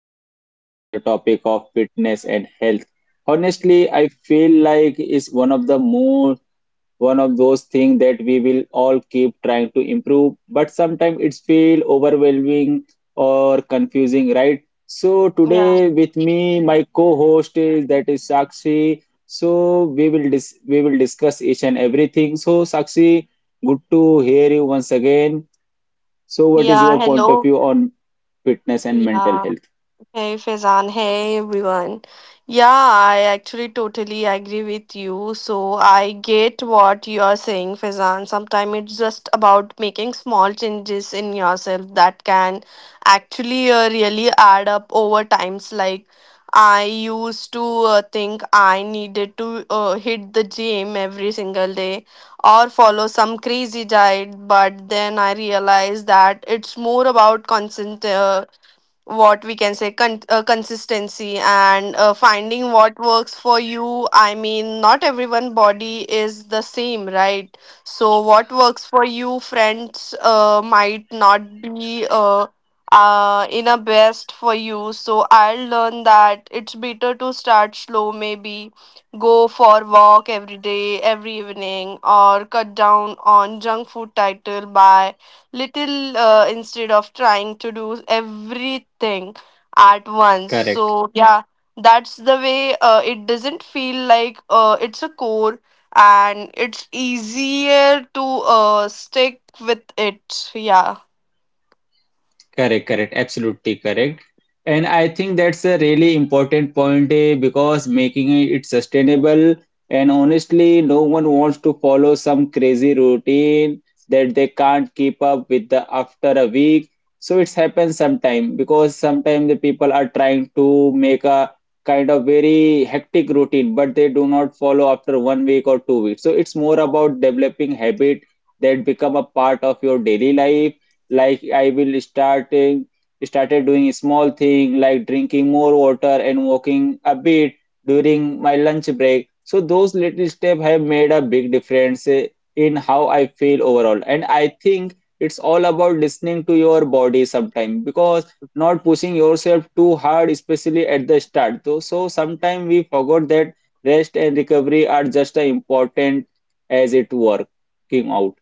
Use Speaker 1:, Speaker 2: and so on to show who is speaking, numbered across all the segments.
Speaker 1: discuss on the topic of fitness and health. Honestly, I feel like it's one of those things that we will all keep trying to improve, but sometimes it's feel overwhelming or confusing, right? So
Speaker 2: Yeah.
Speaker 1: today with me, my co-host is that is Sakshi. So we will discuss each and everything. So Sakshi, good to hear you once again. So what is
Speaker 2: Yeah.
Speaker 1: your point of
Speaker 2: Hello.
Speaker 1: view on fitness and mental
Speaker 2: Yeah.
Speaker 1: health?
Speaker 2: Hey Faizan, hey everyone. Yeah, I actually totally agree with you. So I get what you are saying, Faizan. Sometimes it's just about making small changes in yourself that can actually really add up over times. Like I used to think I needed to hit the gym every single day or follow some crazy diet, but then I realized that it's more about constant what we can say consistency and finding what works for you. I mean, not everyone body is the same, right? So what works for you friends might not be in a best for you. So I'll learn that it's better to start slow, maybe go for walk every day, every evening, or cut down on junk food title by little, instead of trying to do everything at once.
Speaker 1: Correct.
Speaker 2: So yeah, that's the way. It doesn't feel like it's a core, and it's easier to stick with it. Yeah.
Speaker 1: Correct, correct, absolutely correct. And I think that's a really important point, because making it sustainable, and honestly, no one wants to follow some crazy routine that they can't keep up with the after a week. So it's happened sometime because sometimes the people are trying to make a kind of very hectic routine, but they do not follow after 1 week or 2 weeks. So it's more about developing habit that become a part of your daily life like I will starting started doing small thing like drinking more water and walking a bit during my lunch break. So those little steps have made a big difference, in how I feel overall. And I think it's all about listening to your body sometime because not pushing yourself too hard, especially at the start. Though so sometimes we forgot that rest and recovery are just as important as it working out.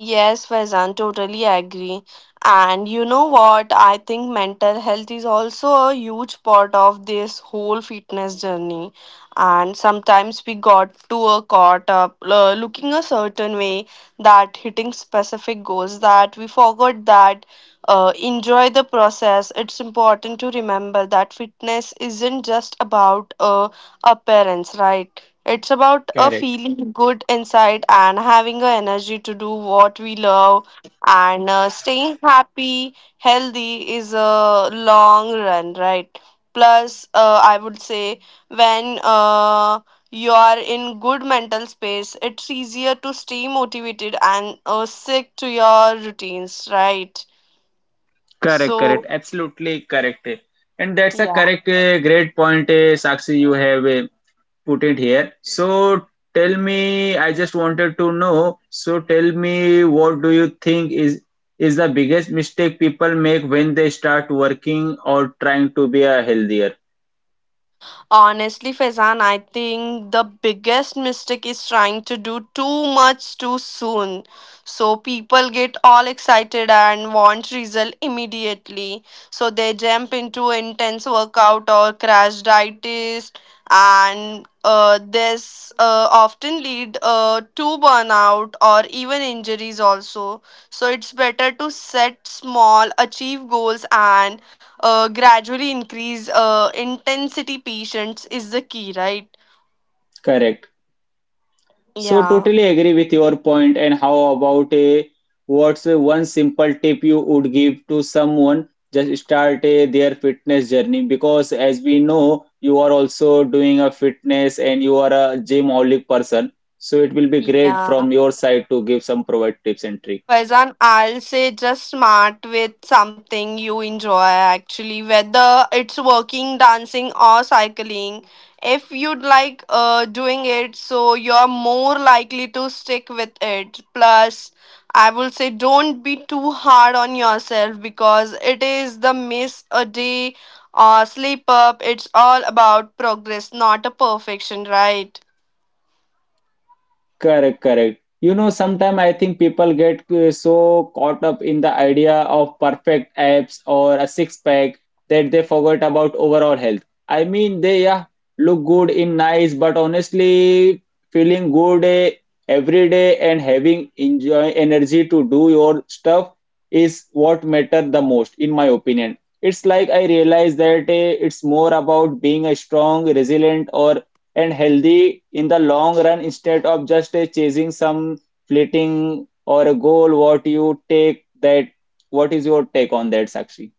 Speaker 2: Yes, Faizan, totally agree. And you know what? I think mental health is also a huge part of this whole fitness journey. And sometimes we got to a caught up looking a certain way, that hitting specific goals, that we forgot that enjoy the process. It's important to remember that fitness isn't just about appearance, right? It's about a
Speaker 1: Correct.
Speaker 2: feeling good inside and having the energy to do what we love, and staying happy, healthy is a long run, right? Plus, I would say when you are in good mental space, it's easier to stay motivated and stick to your routines, right?
Speaker 1: Correct, correct,
Speaker 2: So,
Speaker 1: absolutely correct. And that's a
Speaker 2: yeah.
Speaker 1: correct, great point, Sakshi, you have put it here. So tell me, I just wanted to know. So tell me, what do you think is the biggest mistake people make when they start working or trying to be a healthier?
Speaker 2: Honestly, Faizan, I think the biggest mistake is trying to do too much too soon. So people get all excited and want result immediately. So they jump into intense workout or crash diets, and this often lead to burnout or even injuries also. So it's better to set small, achieve goals, and gradually increase intensity. Patience is the key, right?
Speaker 1: Correct. So
Speaker 2: Yeah.
Speaker 1: totally agree with your point. And how about a what's a one simple tip you would give to someone just start a, their fitness journey? Because as we know, you are also doing a fitness and you are a gymholic person. So it will be great
Speaker 2: Yeah,
Speaker 1: from your side to give some provide tips and tricks.
Speaker 2: Faizan, I'll say just smart with something you enjoy actually, whether it's working, dancing, or cycling. If you'd like doing it, so you're more likely to stick with it. Plus, I will say don't be too hard on yourself, because it is the miss a day or sleep up. It's all about progress, not a perfection, right?
Speaker 1: Correct, correct. You know, sometimes I think people get so caught up in the idea of perfect abs or a six pack that they forget about overall health. I mean, they yeah, look good in nice, but honestly, feeling good, every day and having enjoy energy to do your stuff is what matter the most, in my opinion. It's like I realize that, it's more about being a strong, resilient, or and healthy in the long run instead of just chasing some fleeting or a goal what you take that what is your take on that, Sakshi?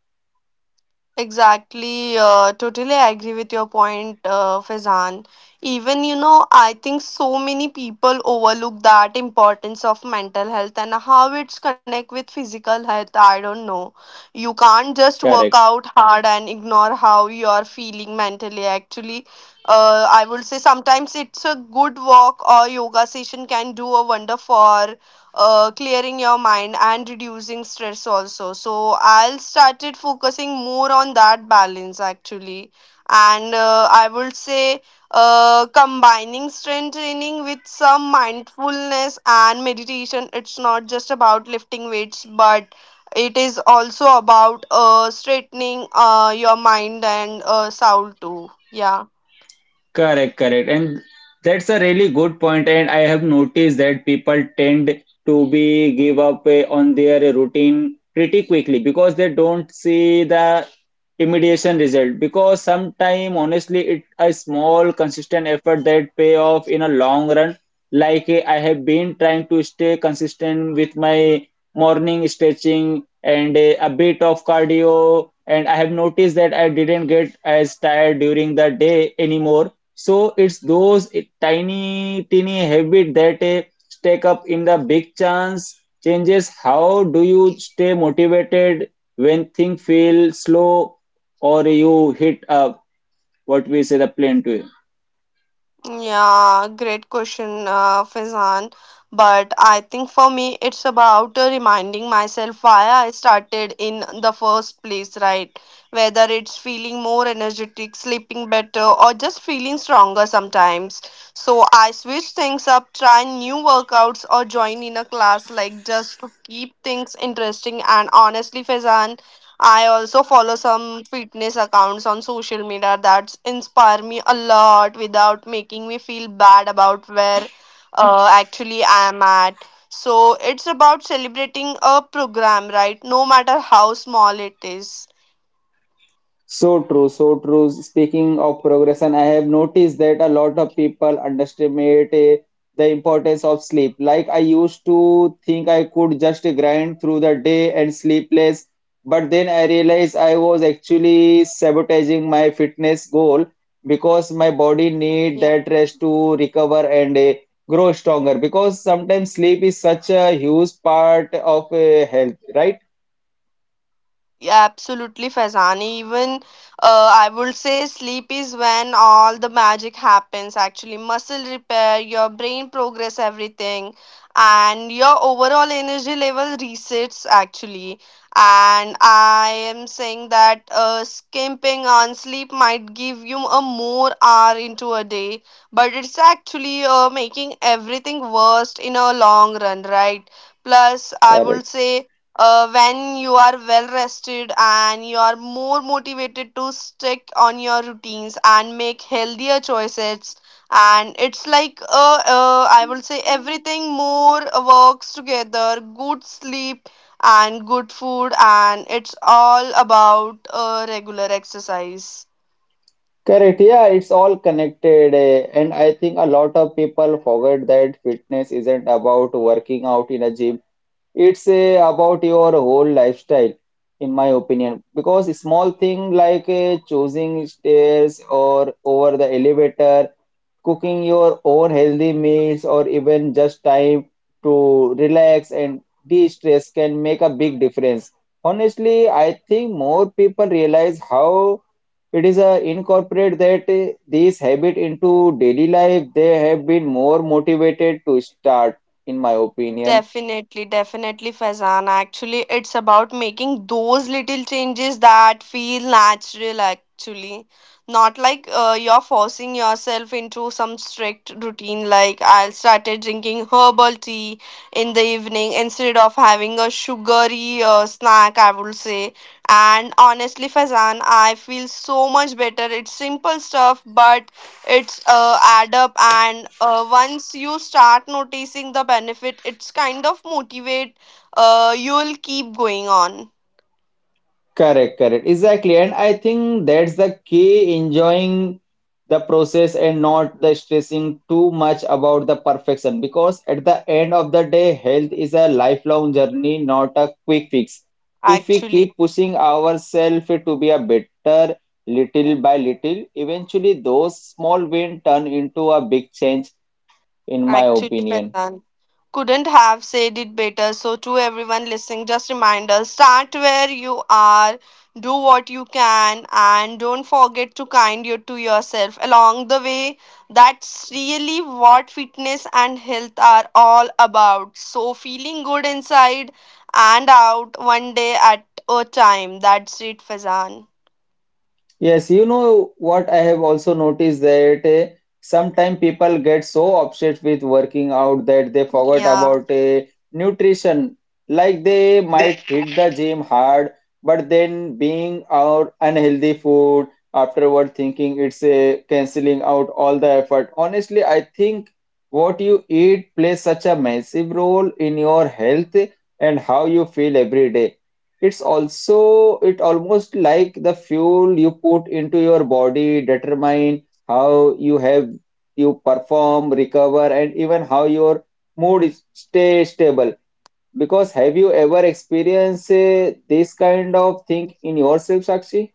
Speaker 2: Exactly, totally I agree with your point, Faizan. Even, you know, I think so many people overlook that importance of mental health and how it's connect with physical health. I don't know. You can't just work
Speaker 1: Correct.
Speaker 2: out hard and ignore how you are feeling mentally. Actually, I would say sometimes it's a good walk or yoga session can do a wonder for clearing your mind and reducing stress also. So I'll started focusing more on that balance actually, and I would say combining strength training with some mindfulness and meditation, it's not just about lifting weights, but it is also about straightening your mind and soul too. Yeah.
Speaker 1: Correct, correct. And that's a really good point. And I have noticed that people tend to be give up, on their routine pretty quickly because they don't see the immediate result. Because sometimes, honestly, it's a small consistent effort that pay off in a long run. Like, I have been trying to stay consistent with my morning stretching and, a bit of cardio. And I have noticed that I didn't get as tired during the day anymore, so it's those tiny, tiny habit that stack up in the big chance changes. How do you stay motivated when things feel slow or you hit, what we say the plateau?
Speaker 2: Yeah, great question, Faizan. But I think for me, it's about reminding myself why I started in the first place, right? Whether it's feeling more energetic, sleeping better, or just feeling stronger sometimes. So I switch things up, try new workouts, or join in a class, like just to keep things interesting. And honestly, Faizan, I also follow some fitness accounts on social media that inspire me a lot without making me feel bad about where actually I am at. So it's about celebrating a program, right? No matter how small it is.
Speaker 1: So true, so true. Speaking of progression, I have noticed that a lot of people underestimate, the importance of sleep. Like I used to think I could just grind through the day and sleep less, but then I realized I was actually sabotaging my fitness goal because my body need that rest to recover and, grow stronger. Because sometimes sleep is such a huge part of, health, right?
Speaker 2: Yeah, absolutely, Faizani. Even I would say sleep is when all the magic happens. Actually, muscle repair, your brain progress, everything, and your overall energy level resets. Actually, and I am saying that skimping on sleep might give you a more hour into a day, but it's actually making everything worse in a long run, right? Plus, I would
Speaker 1: Correct.
Speaker 2: say when you are well rested, and you are more motivated to stick on your routines and make healthier choices. And it's like I will say everything more works together: good sleep and good food, and it's all about regular exercise.
Speaker 1: Correct. Yeah, it's all connected. And I think a lot of people forget that fitness isn't about working out in a gym. It's, about your whole lifestyle, in my opinion. Because a small thing like, choosing stairs or over the elevator, cooking your own healthy meals, or even just time to relax and de-stress can make a big difference. Honestly, I think more people realize how it is incorporate that these habit into daily life, they have been more motivated to start, in my opinion.
Speaker 2: Definitely, definitely, Faizan. Actually, it's about making those little changes that feel natural, actually. Not like you're forcing yourself into some strict routine, like I started drinking herbal tea in the evening instead of having a sugary snack, I would say. And honestly, Faizan, I feel so much better. It's simple stuff, but it's add up, and once you start noticing the benefit, it's kind of motivate you'll keep going on
Speaker 1: Correct, correct. Exactly. And I think that's the key, enjoying the process and not the stressing too much about the perfection. Because at the end of the day, health is a lifelong journey, not a quick fix. If we
Speaker 2: actually.
Speaker 1: keep pushing ourselves to be a better little by little, eventually those small wins turn into a big change, in my
Speaker 2: Actually,
Speaker 1: opinion.
Speaker 2: Faizan, couldn't have said it better. So, to everyone listening, just reminder, start where you are, do what you can, and don't forget to kind you to yourself along the way. That's really what fitness and health are all about. So, feeling good inside and out, one day at a time. That's it, Fazan.
Speaker 1: Yes, you know what, I have also noticed that sometimes people get so obsessed with working out that they forget
Speaker 2: Yeah.
Speaker 1: about, nutrition. Like they might hit the gym hard, but then being out unhealthy food afterward, thinking it's canceling out all the effort. Honestly, I think what you eat plays such a massive role in your health and how you feel every day. It's also it almost like the fuel you put into your body determine how you have you perform, recover, and even how your mood is stay stable. Because have you ever experienced, this kind of thing in yourself, Sakshi?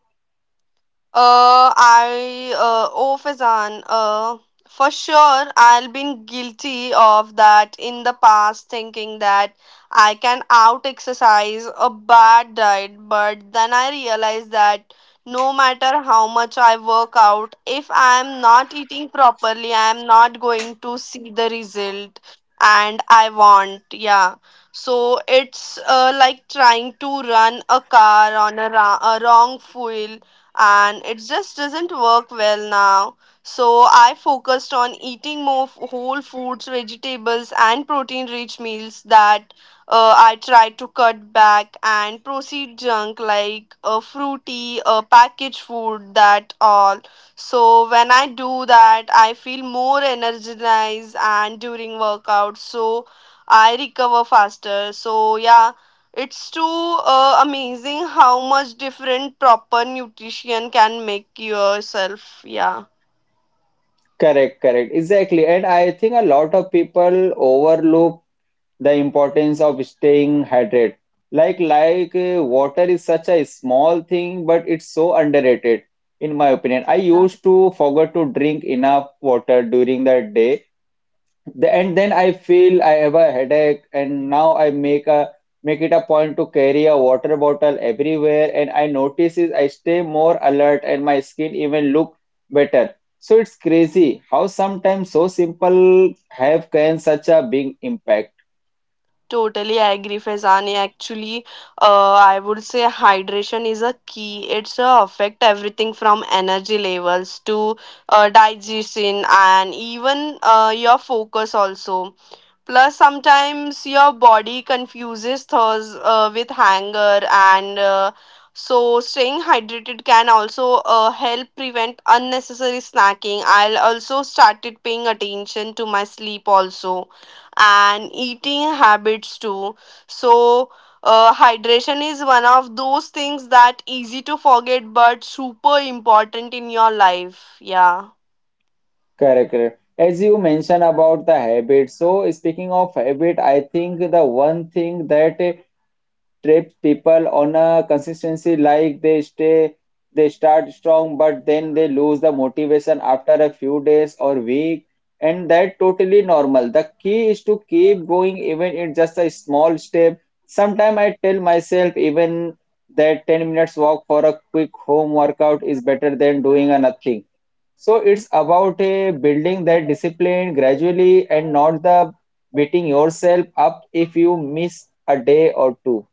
Speaker 2: I oh Faizan, for sure I'll been guilty of that in the past, thinking that I can out exercise a bad diet, but then I realized that no matter how much I work out, if I'm not eating properly, I'm not going to see the result and I want. Yeah. So it's like trying to run a car on a wrong fuel, and it just doesn't work well now. So I focused on eating more whole foods, vegetables, and protein rich meals that I tried to cut back and proceed junk, like fruity, packaged food, that all. So when I do that, I feel more energized and during workout. So I recover faster. So yeah, it's too amazing how much different proper nutrition can make yourself. Yeah,
Speaker 1: Correct, correct, exactly. And I think a lot of people overlook the importance of staying hydrated, like water is such a small thing, but it's so underrated, in my opinion. I used to forget to drink enough water during the day, and then I feel I have a headache, and now I make it a point to carry a water bottle everywhere, and I notice is I stay more alert and my skin even look better. So it's crazy how sometimes so simple have can such a big impact.
Speaker 2: totally I agree, Fezani. Actually, I would say hydration is a key. It's affect everything from energy levels to digestion and even your focus also. Plus, sometimes your body confuses thirst with hunger, and so staying hydrated can also help prevent unnecessary snacking. I'll also started paying attention to my sleep also, and eating habits too. So. Hydration is one of those things that easy to forget but super important in your life. Yeah.
Speaker 1: Correct, correct. As you mentioned about the habit, so speaking of habit, I think the one thing that, trips people on a consistency like they start strong, but then they lose the motivation after a few days or week, and that totally normal. The key is to keep going, even it's just a small step. Sometimes I tell myself even that 10 minutes walk for a quick home workout is better than doing a nothing. So it's about a building that discipline gradually and not the beating yourself up if you miss a day or two.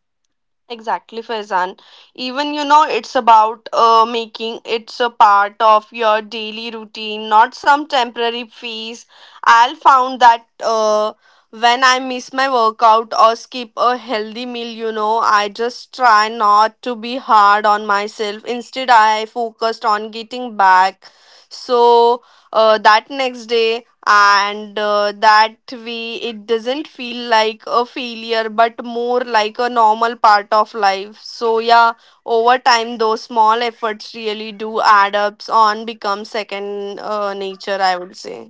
Speaker 2: Exactly, Faizan. Even you know, it's about making it's a part of your daily routine, not some temporary phase. I'll found that when I miss my workout or skip a healthy meal, you know, I just try not to be hard on myself. Instead, I focused on getting back. So that next day, and that way it doesn't feel like a failure but more like a normal part of life. So yeah, over time those small efforts really do add ups on become second nature, I would say.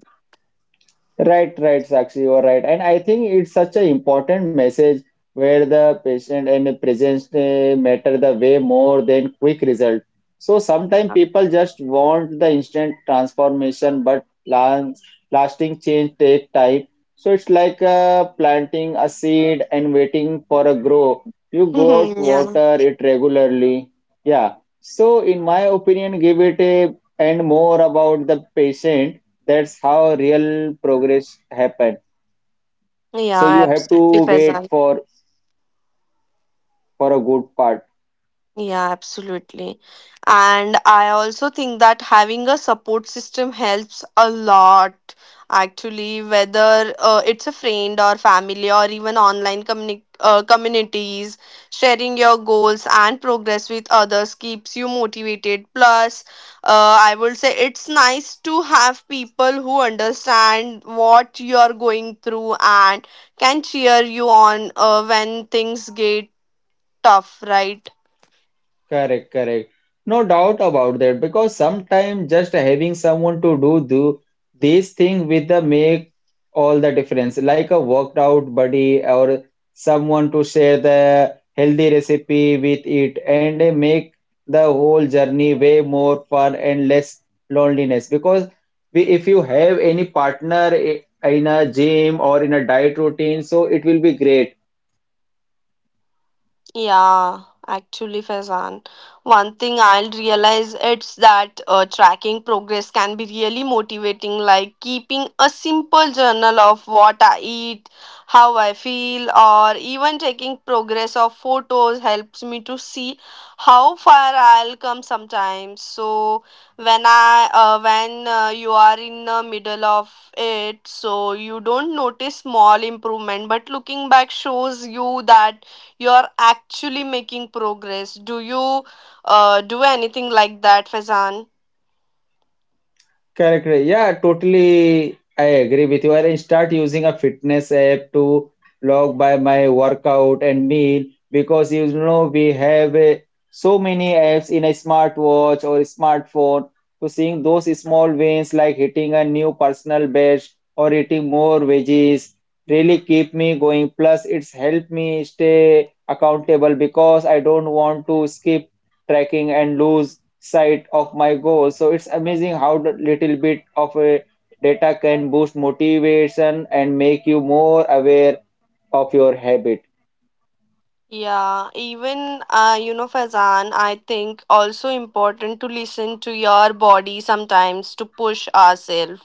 Speaker 1: Right, right, Sakshi, you are right. And I think it's such an important message where the patient and the presence, matter the way more than quick result. So sometimes people just want the instant transformation, but plans, lasting change take time. So it's like planting a seed and waiting for a grow. You go out,
Speaker 2: Yeah.
Speaker 1: water it regularly. Yeah. So in my opinion, give it a and more about the patient, that's how real progress happen. So you
Speaker 2: Yeah,
Speaker 1: have
Speaker 2: absolutely,
Speaker 1: to wait
Speaker 2: Faizan.
Speaker 1: for a good part.
Speaker 2: Yeah, absolutely. And I also think that having a support system helps a lot, actually, whether it's a friend or family or even online communities. Sharing your goals and progress with others keeps you motivated. Plus, I would say it's nice to have people who understand what you're going through and can cheer you on when things get tough, right?
Speaker 1: Correct, correct. No doubt about that because sometimes just having someone to do this thing with the make all the difference. Like a workout buddy or someone to share the healthy recipe with it, and they make the whole journey way more fun and less loneliness. Because we, if you have any partner, in a gym or in a diet routine, so it will be great.
Speaker 2: Yeah, actually, Faizan, one thing I'll realize it's that tracking progress can be really motivating, like keeping a simple journal of what I eat, how I feel, or even taking progress of photos helps me to see how far I'll come sometimes. So when you are in the middle of it, so you don't notice small improvement, but looking back shows you that you are actually making progress. Do you do anything like that, Fazan?
Speaker 1: Correct, correct. Yeah, totally. I agree with you. I'll start using a fitness app to log by my workout and meal because you know we have so many apps in a smartwatch or smartphone. So seeing those small wins like hitting a new personal best or eating more veggies really keep me going. Plus, it's helped me stay accountable because I don't want to skip tracking and lose sight of my goal. So it's amazing how the little bit of a data can boost motivation and make you more aware of your habit.
Speaker 2: Yeah, even you know, Fazan, I think also important to listen to your body sometimes to push ourselves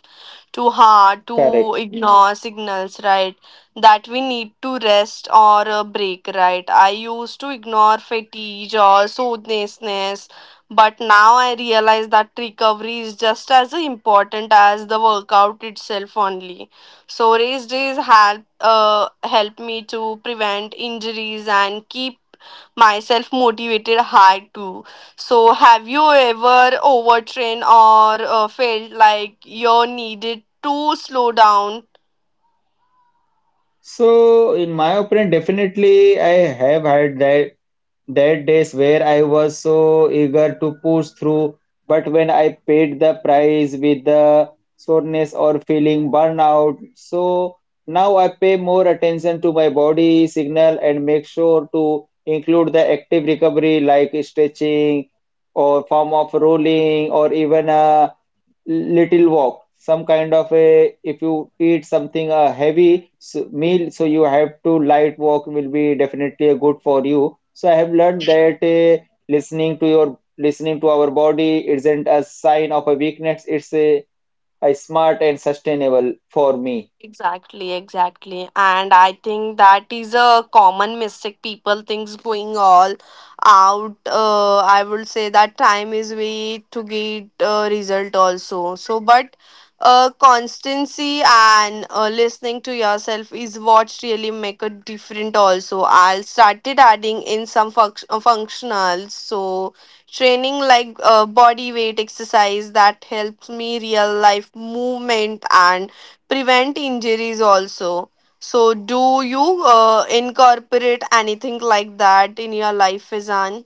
Speaker 2: too hard to
Speaker 1: Correct.
Speaker 2: ignore signals, right? That we need to rest or a break, right? I used to ignore fatigue or soothnessness, but now I realize that recovery is just as important as the workout itself only. So race days help help me to prevent injuries and keep myself motivated hard too. So, have you ever overtrained or felt like you needed to slow down?
Speaker 1: So in my opinion, definitely I have had that that days where I was so eager to push through, but when I paid the price with the soreness or feeling burnout, so now I pay more attention to my body signal and make sure to include the active recovery like stretching or form of rolling or even a little walk, some kind of a if you eat something a heavy meal, so you have to light walk will be definitely a good for you. So I have learned that, listening to our body isn't a sign of a weakness, it's a smart and sustainable for me.
Speaker 2: Exactly, exactly. And I think that is a common mistake. People thinks going all out. I would say that time is way to get result also. So, but constancy and listening to yourself is what really make a different also. I started adding in some functionals. So, training like body weight exercise that helps me real life movement and prevent injuries also. So, do you incorporate anything like that in your life, Fizan?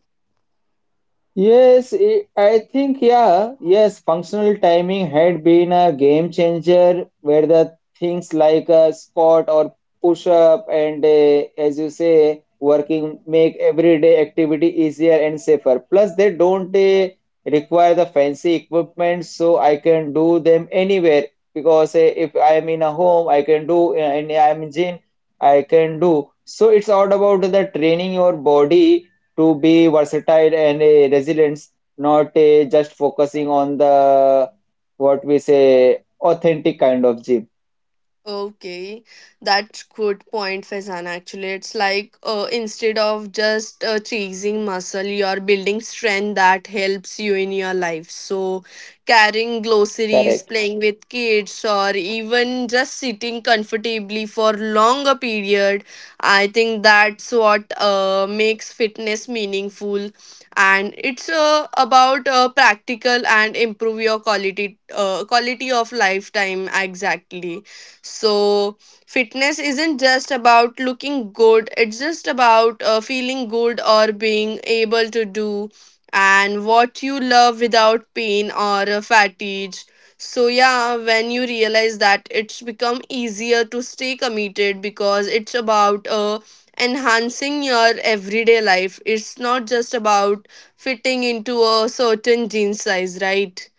Speaker 1: Yes, I think, yeah, yes, functional timing had been a game changer where the things like a squat or push up and, as you say, working make everyday activity easier and safer. Plus, they don't require the fancy equipment, so I can do them anywhere because if I am in a home, I can do, and I am in gym, I can do. So it's all about the training your body to be versatile and a resilience, not a just focusing on the what we say authentic kind of gym.
Speaker 2: Okay, that's good point, Faizan. Actually, it's like instead of just chasing muscle, you're building strength that helps you in your life. So, carrying groceries, playing
Speaker 1: Correct.
Speaker 2: with kids, or even just sitting comfortably for longer period, I think that's what makes fitness meaningful. And it's about practical and improve your quality quality of lifetime exactly. So, fitness isn't just about looking good, it's just about feeling good or being able to do and what you love without pain or fatigue. So, yeah, when you realize that it's become easier to stay committed because it's about enhancing your everyday life, it's not just about fitting into a certain jean size, right?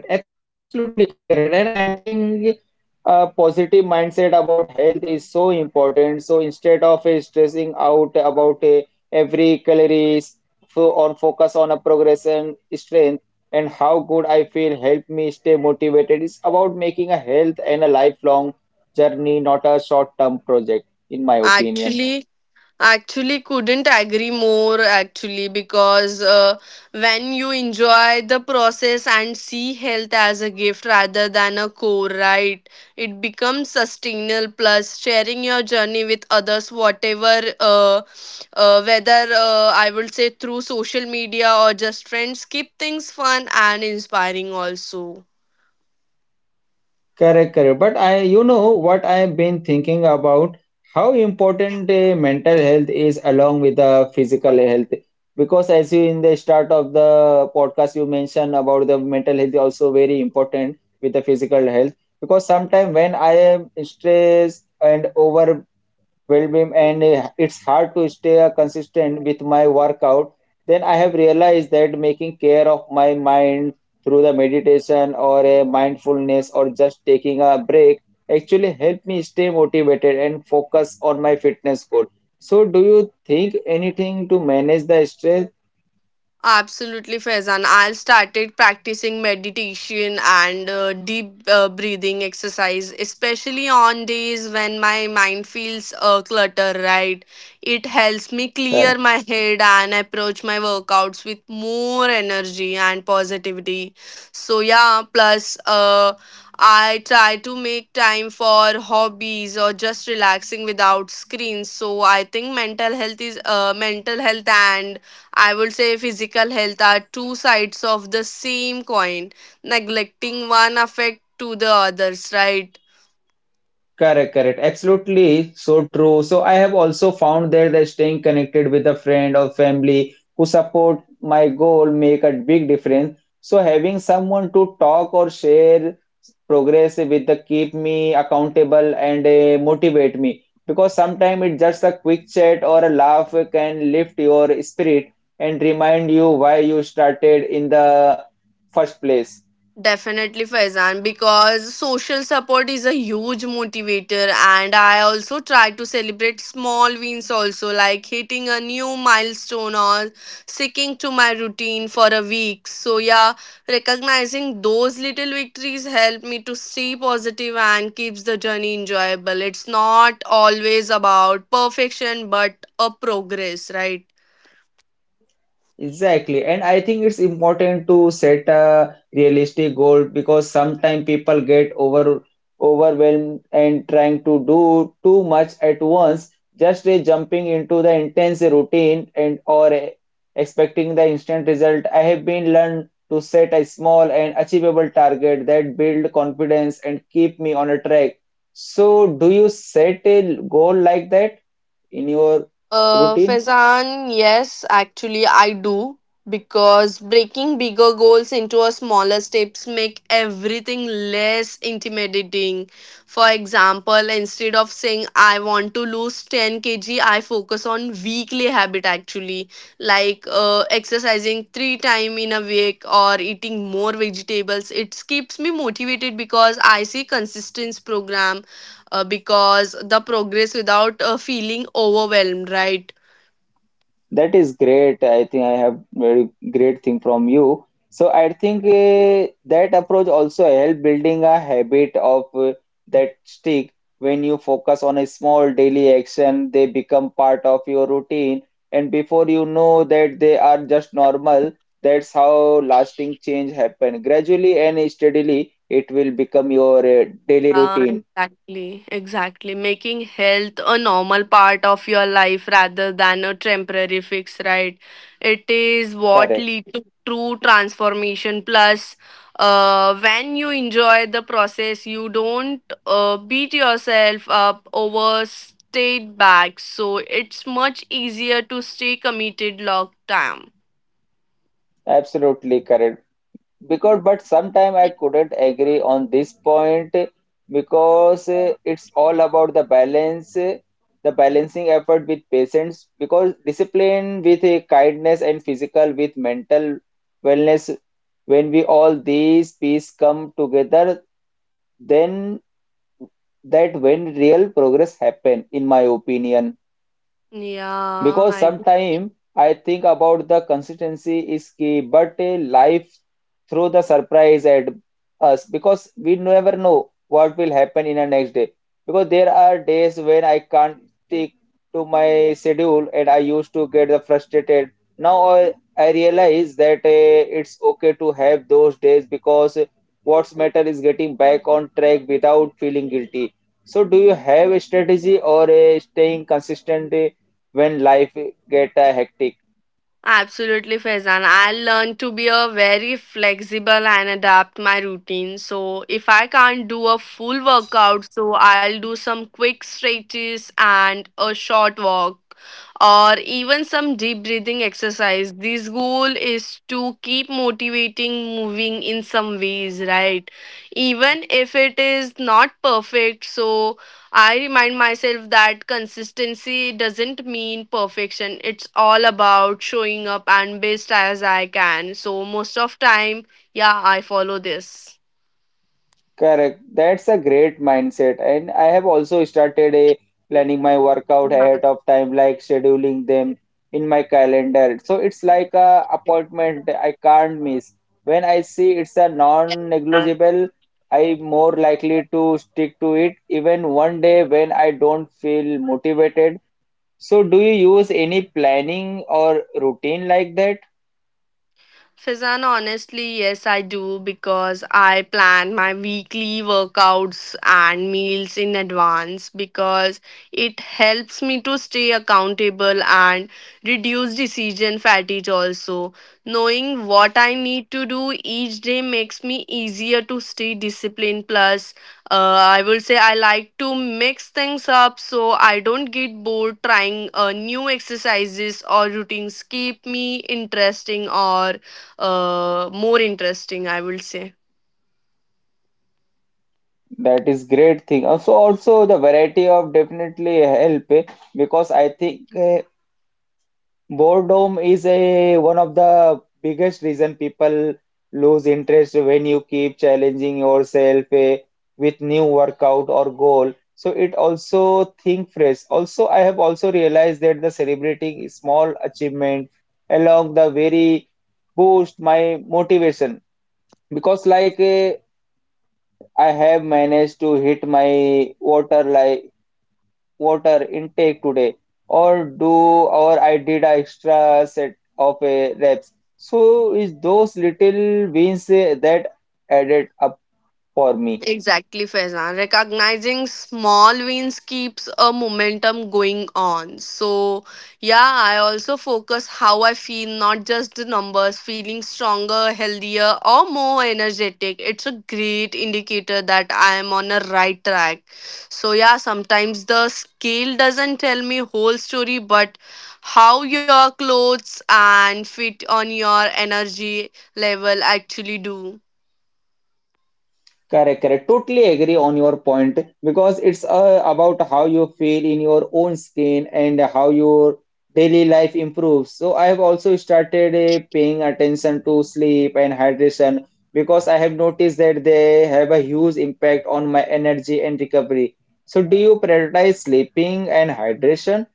Speaker 1: Correct, correct. Absolutely correct. And I think a positive mindset about health is so important. So instead of stressing out about every calories, on focus on a progression, strength, and how good I feel help me stay motivated. It's about making a health and a lifelong journey, not a short-term project, in my
Speaker 2: Actually,
Speaker 1: opinion.
Speaker 2: Actually, couldn't agree more. Actually, because when you enjoy the process and see health as a gift rather than a core, right? It becomes sustainable. Plus, sharing your journey with others, whatever, whether I would say through social media or just friends, keep things fun and inspiring. Also.
Speaker 1: Correct, correct. But I, you know what I've been thinking about how important mental health is along with the physical health. Because as you in the start of the podcast, you mentioned about the mental health is also very important with the physical health. Because sometimes when I am stressed and overwhelmed well-being and it's hard to stay consistent with my workout then I have realized that making care of my mind through the meditation or a mindfulness or just taking a break actually help me stay motivated and focus on my fitness goal so do you think anything to manage the stress.
Speaker 2: Absolutely, Faizan. I started practicing meditation and deep breathing exercise, especially on days when my mind feels clutter, right? It helps me clear my head and approach my workouts with more energy and positivity. So, yeah, plus, I try to make time for hobbies or just relaxing without screens. So I think mental health is mental health and I would say physical health are two sides of the same coin. Neglecting one affect to the others, right?
Speaker 1: Correct, correct. Absolutely so true. So I have also found there that staying connected with a friend or family who support my goal make a big difference. So having someone to talk or share progress with the keep me accountable and motivate me because sometimes it's just a quick chat or a laugh can lift your spirit and remind you why you started in the first place.
Speaker 2: Definitely, Faizan, because social support is a huge motivator, and I also try to celebrate small wins, also like hitting a new milestone or sticking to my routine for a week. So, yeah, recognizing those little victories help me to stay positive and keeps the journey enjoyable. It's not always about perfection, but a progress, right?
Speaker 1: Exactly, and I think it's important to set a realistic goal because sometimes people get overwhelmed and trying to do too much at once. Just jumping into the intense routine and or expecting the instant result. I have been learned to set a small and achievable target that build confidence and keep me on a track. So, do you set a goal like that in your routine?
Speaker 2: Faizan, yes, actually, I do because breaking bigger goals into a smaller steps make everything less intimidating. For example, instead of saying I want to lose 10 kg, I focus on weekly habit actually, like exercising three time in a week or eating more vegetables. It keeps me motivated because I see consistent program because the progress without feeling overwhelmed, right?
Speaker 1: That is great. I think I have very great thing from you. So I think that approach also help building a habit of that stick. When you focus on a small daily action, they become part of your routine, and before you know that they are just normal. That's how lasting change happen. Gradually and steadily, it will become your daily
Speaker 2: Ah,
Speaker 1: routine.
Speaker 2: exactly, exactly. Making health a normal part of your life rather than a temporary fix, right? It is what
Speaker 1: Correct.
Speaker 2: leads to true transformation. Plus, when you enjoy the process, you don't beat yourself up over stayed back. So it's much easier to stay committed long term.
Speaker 1: Absolutely correct. Because but sometime I couldn't agree on this point because it's all about the balance the balancing effort with patience because discipline with a kindness and physical with mental wellness when we all these pieces come together then that when real progress happen in my opinion
Speaker 2: Yeah.
Speaker 1: because sometimes I think about the consistency is key, but a life through the surprise at us because we never know what will happen in the next day. Because there are days when I can't stick to my schedule and I used to get the frustrated. Now I realize that it's okay to have those days because what's matter is getting back on track without feeling guilty. So do you have a strategy or a staying consistent? When life get hectic.
Speaker 2: Absolutely, Faizan. I learned to be a very flexible and adapt my routine. So if I can't do a full workout, so I'll do some quick stretches and a short walk or even some deep breathing exercise. This goal is to keep motivating moving in some ways, right? Even if it is not perfect, so I remind myself that consistency doesn't mean perfection. It's all about showing up and best as I can. So most of time, yeah, I follow this.
Speaker 1: Correct. That's a great mindset. And I have also started a planning my workout ahead of time, like scheduling them in my calendar. So it's like a appointment I can't miss. When I see it's a non-negligible, I more likely to stick to it even one day when I don't feel motivated. So do you use any planning or routine like that?
Speaker 2: Fizan, honestly, yes, I do because I plan my weekly workouts and meals in advance because it helps me to stay accountable and reduce decision fatigue also. Knowing what I need to do each day makes me easier to stay disciplined, plus, I will say I like to mix things up so I don't get bored trying new exercises or routines keep me interesting or more interesting I will say.
Speaker 1: That is great thing. Also, also the variety of definitely help because I think boredom is a one of the biggest reason people lose interest when you keep challenging yourself with new workout or goal. So it also think fresh. Also, I have also realized that the celebrating small achievement along the very boost my motivation because like I have managed to hit my water like water intake today or do or I did a extra set of a reps. So is those little wins that added up for me.
Speaker 2: Exactly, Faizan. Recognizing small wins keeps a momentum going on. So, yeah, I also focus how I feel, not just the numbers. Feeling stronger, healthier, or more energetic. It's a great indicator that I am on a right track. So, yeah, sometimes the scale doesn't tell me whole story, but how your clothes and fit on your energy level actually do.
Speaker 1: Correct, correct. Totally agree on your point because it's about how you feel in your own skin and how your daily life improves. So I have also started paying attention to sleep and hydration because I have noticed that they have a huge impact on my energy and recovery. So do you prioritize sleeping and hydration?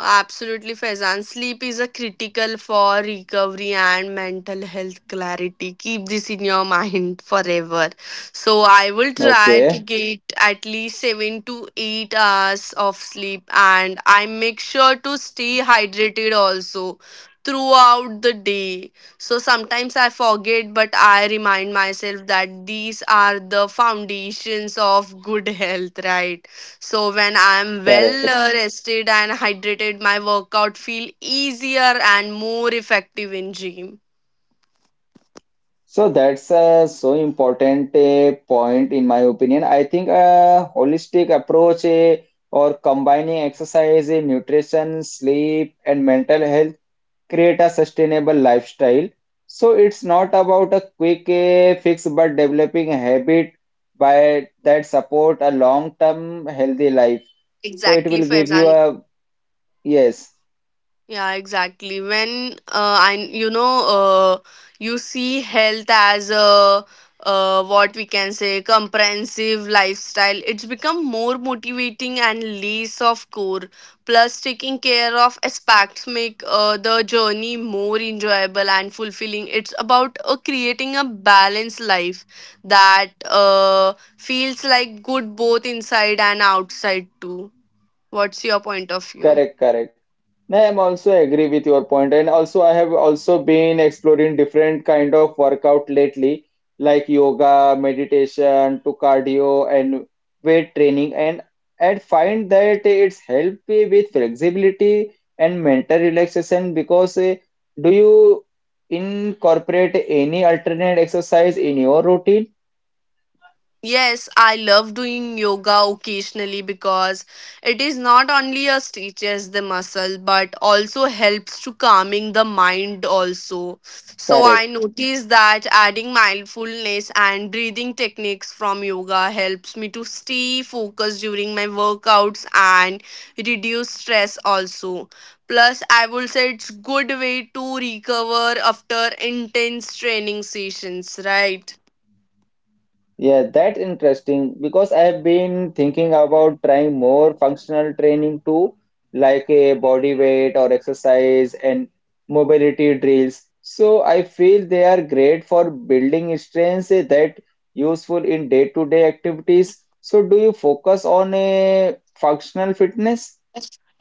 Speaker 2: Absolutely, Faizan. Sleep is a critical for recovery and mental health clarity. Keep this in your mind forever. So I will try to
Speaker 1: Okay,
Speaker 2: get at least 7 to 8 hours of sleep, and I make sure to stay hydrated also throughout the day. So sometimes I forget, but I remind myself that these are the foundations of good health, right? So when I'm well
Speaker 1: correct.
Speaker 2: rested and hydrated, my workout feel easier and more effective in gym.
Speaker 1: So that's a so important point in my opinion. I think a holistic approach or combining exercise, nutrition, sleep, and mental health create a sustainable lifestyle. So it's not about a quick fix, but developing a habit by that support a long-term healthy life. So it
Speaker 2: Exactly,
Speaker 1: will give you
Speaker 2: Faizan.
Speaker 1: a yes,
Speaker 2: Yeah, exactly. When I you see health as a what we can say comprehensive lifestyle, it's become more motivating and less of core. Plus, taking care of aspects make the journey more enjoyable and fulfilling. It's about creating a balanced life that feels like good both inside and outside too. What's your point of view?
Speaker 1: correct, correct. No, I'm also agree with your point, and also I have also been exploring different kind of workout lately, like yoga, meditation, to cardio and weight training, and find that it's help me with flexibility and mental relaxation because do you incorporate any alternate exercise in your routine?
Speaker 2: Yes, I love doing yoga occasionally because it is not only a stretches the muscle but also helps to calming the mind also. So I
Speaker 1: Correct.
Speaker 2: notice that adding mindfulness and breathing techniques from yoga helps me to stay focused during my workouts and reduce stress also. Plus, I would say it's good way to recover after intense training sessions, right?
Speaker 1: Yeah, that's interesting because I have been thinking about trying more functional training too, like a body weight or exercise and mobility drills. So I feel they are great for building strength that useful in day-to-day activities. So do you focus on a functional fitness?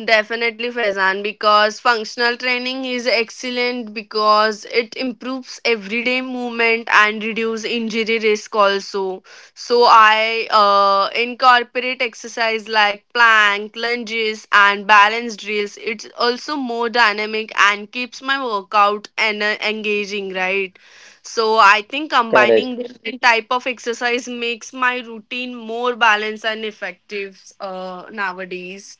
Speaker 2: Definitely Faizan because functional training is excellent because it improves everyday movement and reduce injury risk also. So I incorporate exercise like plank, lunges and balance drills. It's also more dynamic and keeps my workout and engaging, right? So I think
Speaker 1: Correct.
Speaker 2: combining different type of exercise makes my routine more balanced and effective nowadays.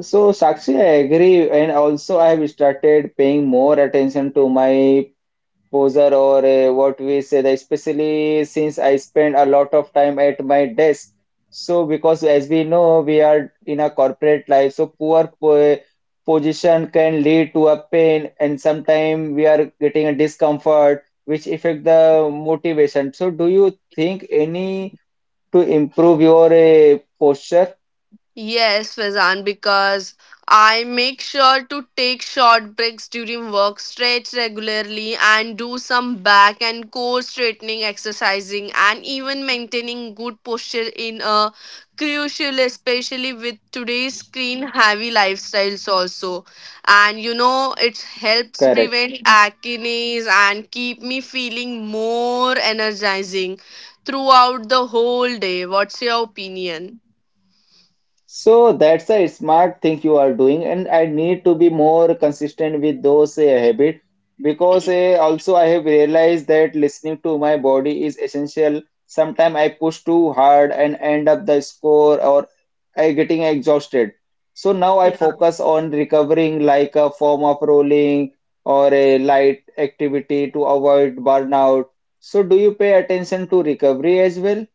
Speaker 1: So Sakshi, I agree, and also I have started paying more attention to my poser or what we say that especially since I spend a lot of time at my desk. So because as we know we are in a corporate life, so poor po position can lead to a pain and sometimes we are getting a discomfort which affect the motivation. So do you think any to improve your posture?
Speaker 2: Yes, Fazan, because I make sure to take short breaks during work, stretch regularly, and do some back and core straightening exercising, and even maintaining good posture in a crucial, especially with today's screen heavy lifestyles also. And you know, it helps
Speaker 1: Correct.
Speaker 2: prevent acne and keep me feeling more energizing throughout the whole day. What's your opinion?
Speaker 1: So that's a smart thing you are doing, and I need to be more consistent with those habit because also I have realized that listening to my body is essential. Sometimes I push too hard and end up the score or I getting exhausted. So now I focus on recovering like a form of rolling or a light activity to avoid burnout. So do you pay attention to recovery as well?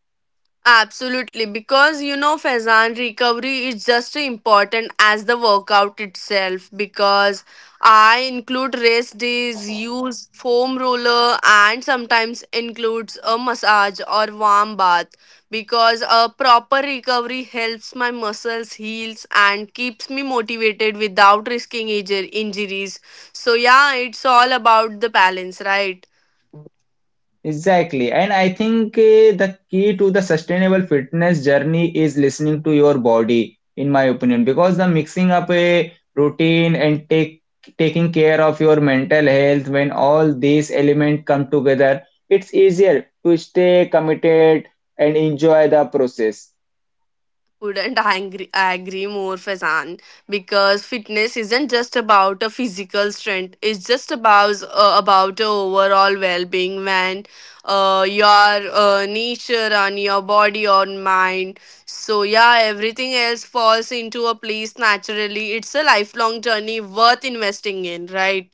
Speaker 2: Absolutely, because you know, Faizan, recovery is just important as the workout itself. Because I include rest days, use foam roller, and sometimes includes a massage or warm bath. Because a proper recovery helps my muscles heals and keeps me motivated without risking injuries. So yeah, it's all about the balance, right?
Speaker 1: Exactly. And I think the key to the sustainable fitness journey is listening to your body, in my opinion, because the mixing up a routine and take taking care of your mental health when all these elements come together, it's easier to stay committed and enjoy the process.
Speaker 2: Couldn't agree more Fazan, because fitness isn't just about a physical strength, it's just about a overall well-being. When your nature and your body or mind, so yeah, everything else falls into a place naturally. It's a lifelong journey worth investing in, right?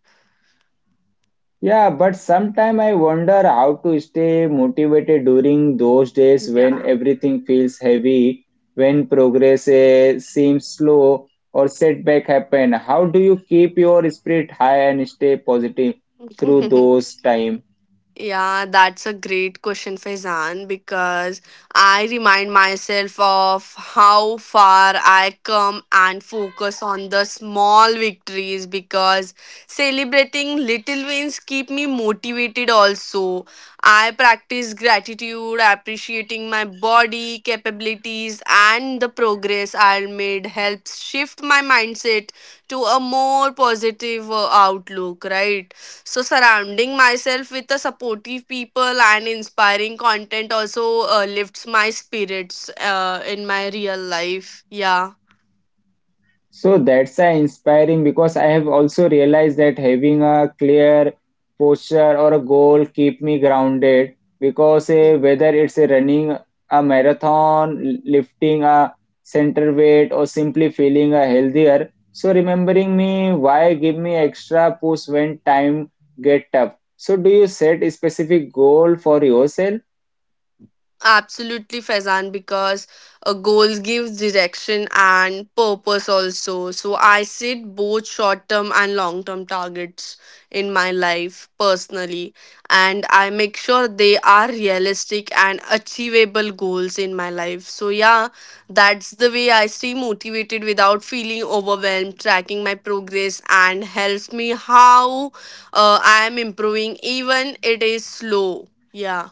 Speaker 1: Yeah, but sometimes I wonder how to stay motivated during those days when everything feels heavy, when progress seems slow or setback happen. How do you keep your spirit high and stay positive through
Speaker 2: Yeah.
Speaker 1: those time?
Speaker 2: Yeah, that's a great question, Faizan, because I remind myself of how far I come and focus on the small victories because celebrating little wins keep me motivated also. I practice gratitude, appreciating my body, capabilities and the progress I made helps shift my mindset to a more positive outlook, right? So surrounding myself with the supportive people and inspiring content also lifts my spirits in my real life. Yeah.
Speaker 1: So that's inspiring because I have also realized that having a clear posture or a goal keep me grounded because whether it's running a marathon, lifting a center weight or simply feeling healthier. So remembering me why give me extra push when time get tough. So do you set a specific goal for yourself?
Speaker 2: Absolutely, Faizan, because a goal gives direction and purpose also. So I set both short term and long term targets in my life personally, and I make sure they are realistic and achievable goals in my life. So, yeah, that's the way I stay motivated without feeling overwhelmed. Tracking my progress and helps me how I am improving, even it is slow. Yeah.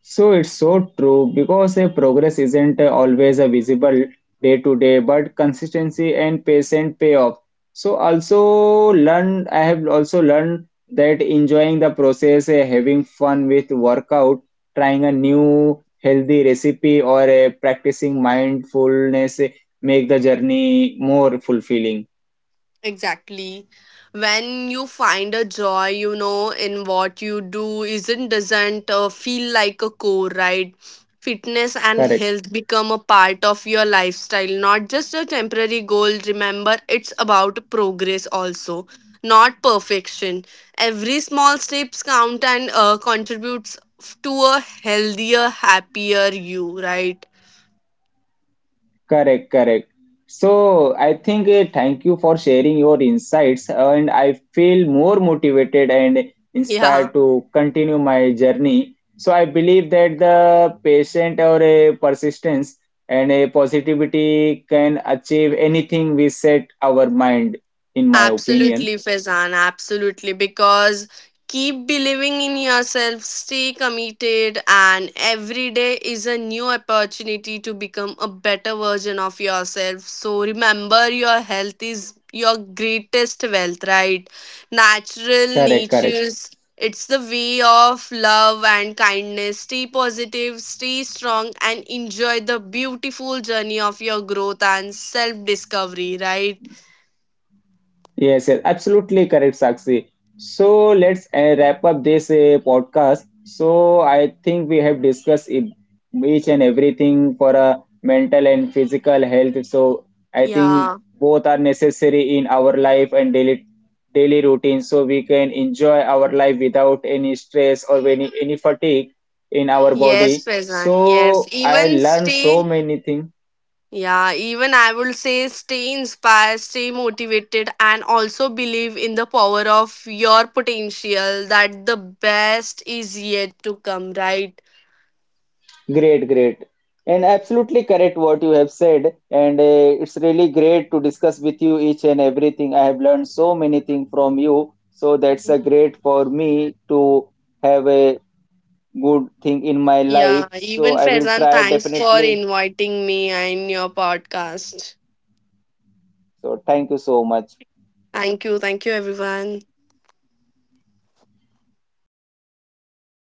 Speaker 1: So it's so true because a progress isn't always a visible day to day, but consistency and patient pay off. So also learn I have also learned that enjoying the process, having fun with workout, trying a new healthy recipe or practicing mindfulness make the journey more fulfilling.
Speaker 2: Exactly. When you find a joy, you know, in what you do, isn't doesn't feel like a core, right? Fitness and
Speaker 1: Correct.
Speaker 2: health become a part of your lifestyle, not just a temporary goal. Remember, it's about progress also, not perfection. Every small steps count and contributes to a healthier, happier you, right?
Speaker 1: Correct, correct. So I think thank you for sharing your insights, and I feel more motivated and inspired
Speaker 2: Yeah.
Speaker 1: to continue my journey. So I believe that the patient or a persistence and a positivity can achieve anything we set our mind, in my opinion.
Speaker 2: Absolutely, Faizan. Absolutely. Because keep believing in yourself, stay committed, and every day is a new opportunity to become a better version of yourself. So remember, your health is your greatest wealth, right? Natural
Speaker 1: Correct, correct.
Speaker 2: natures. It's the way of love and kindness. Stay positive, stay strong, and enjoy the beautiful journey of your growth and self discovery, right?
Speaker 1: Yes, yes, absolutely correct, Sakshi. So let's wrap up this podcast. So I think we have discussed each and everything for a mental and physical health. So I think
Speaker 2: Yeah.
Speaker 1: both are necessary in our life and daily routine. So we can enjoy our life without any stress or any fatigue in our
Speaker 2: Yes,
Speaker 1: body.
Speaker 2: Faizan, yes.
Speaker 1: So I
Speaker 2: Even
Speaker 1: learned so
Speaker 2: stay,
Speaker 1: many things.
Speaker 2: yeah, even I would say stay inspired, stay motivated, and also believe in the power of your potential that the best is yet to come, right?
Speaker 1: Great, great. And absolutely correct what you have said. And it's really great to discuss with you each and everything. I have learned so many things from you. So that's a great for me to have a good thing in my life.
Speaker 2: Yeah,
Speaker 1: So
Speaker 2: even
Speaker 1: I will
Speaker 2: Faizan,
Speaker 1: try
Speaker 2: thanks for
Speaker 1: definitely.
Speaker 2: inviting me in your podcast.
Speaker 1: So thank you so much.
Speaker 2: Thank you, everyone.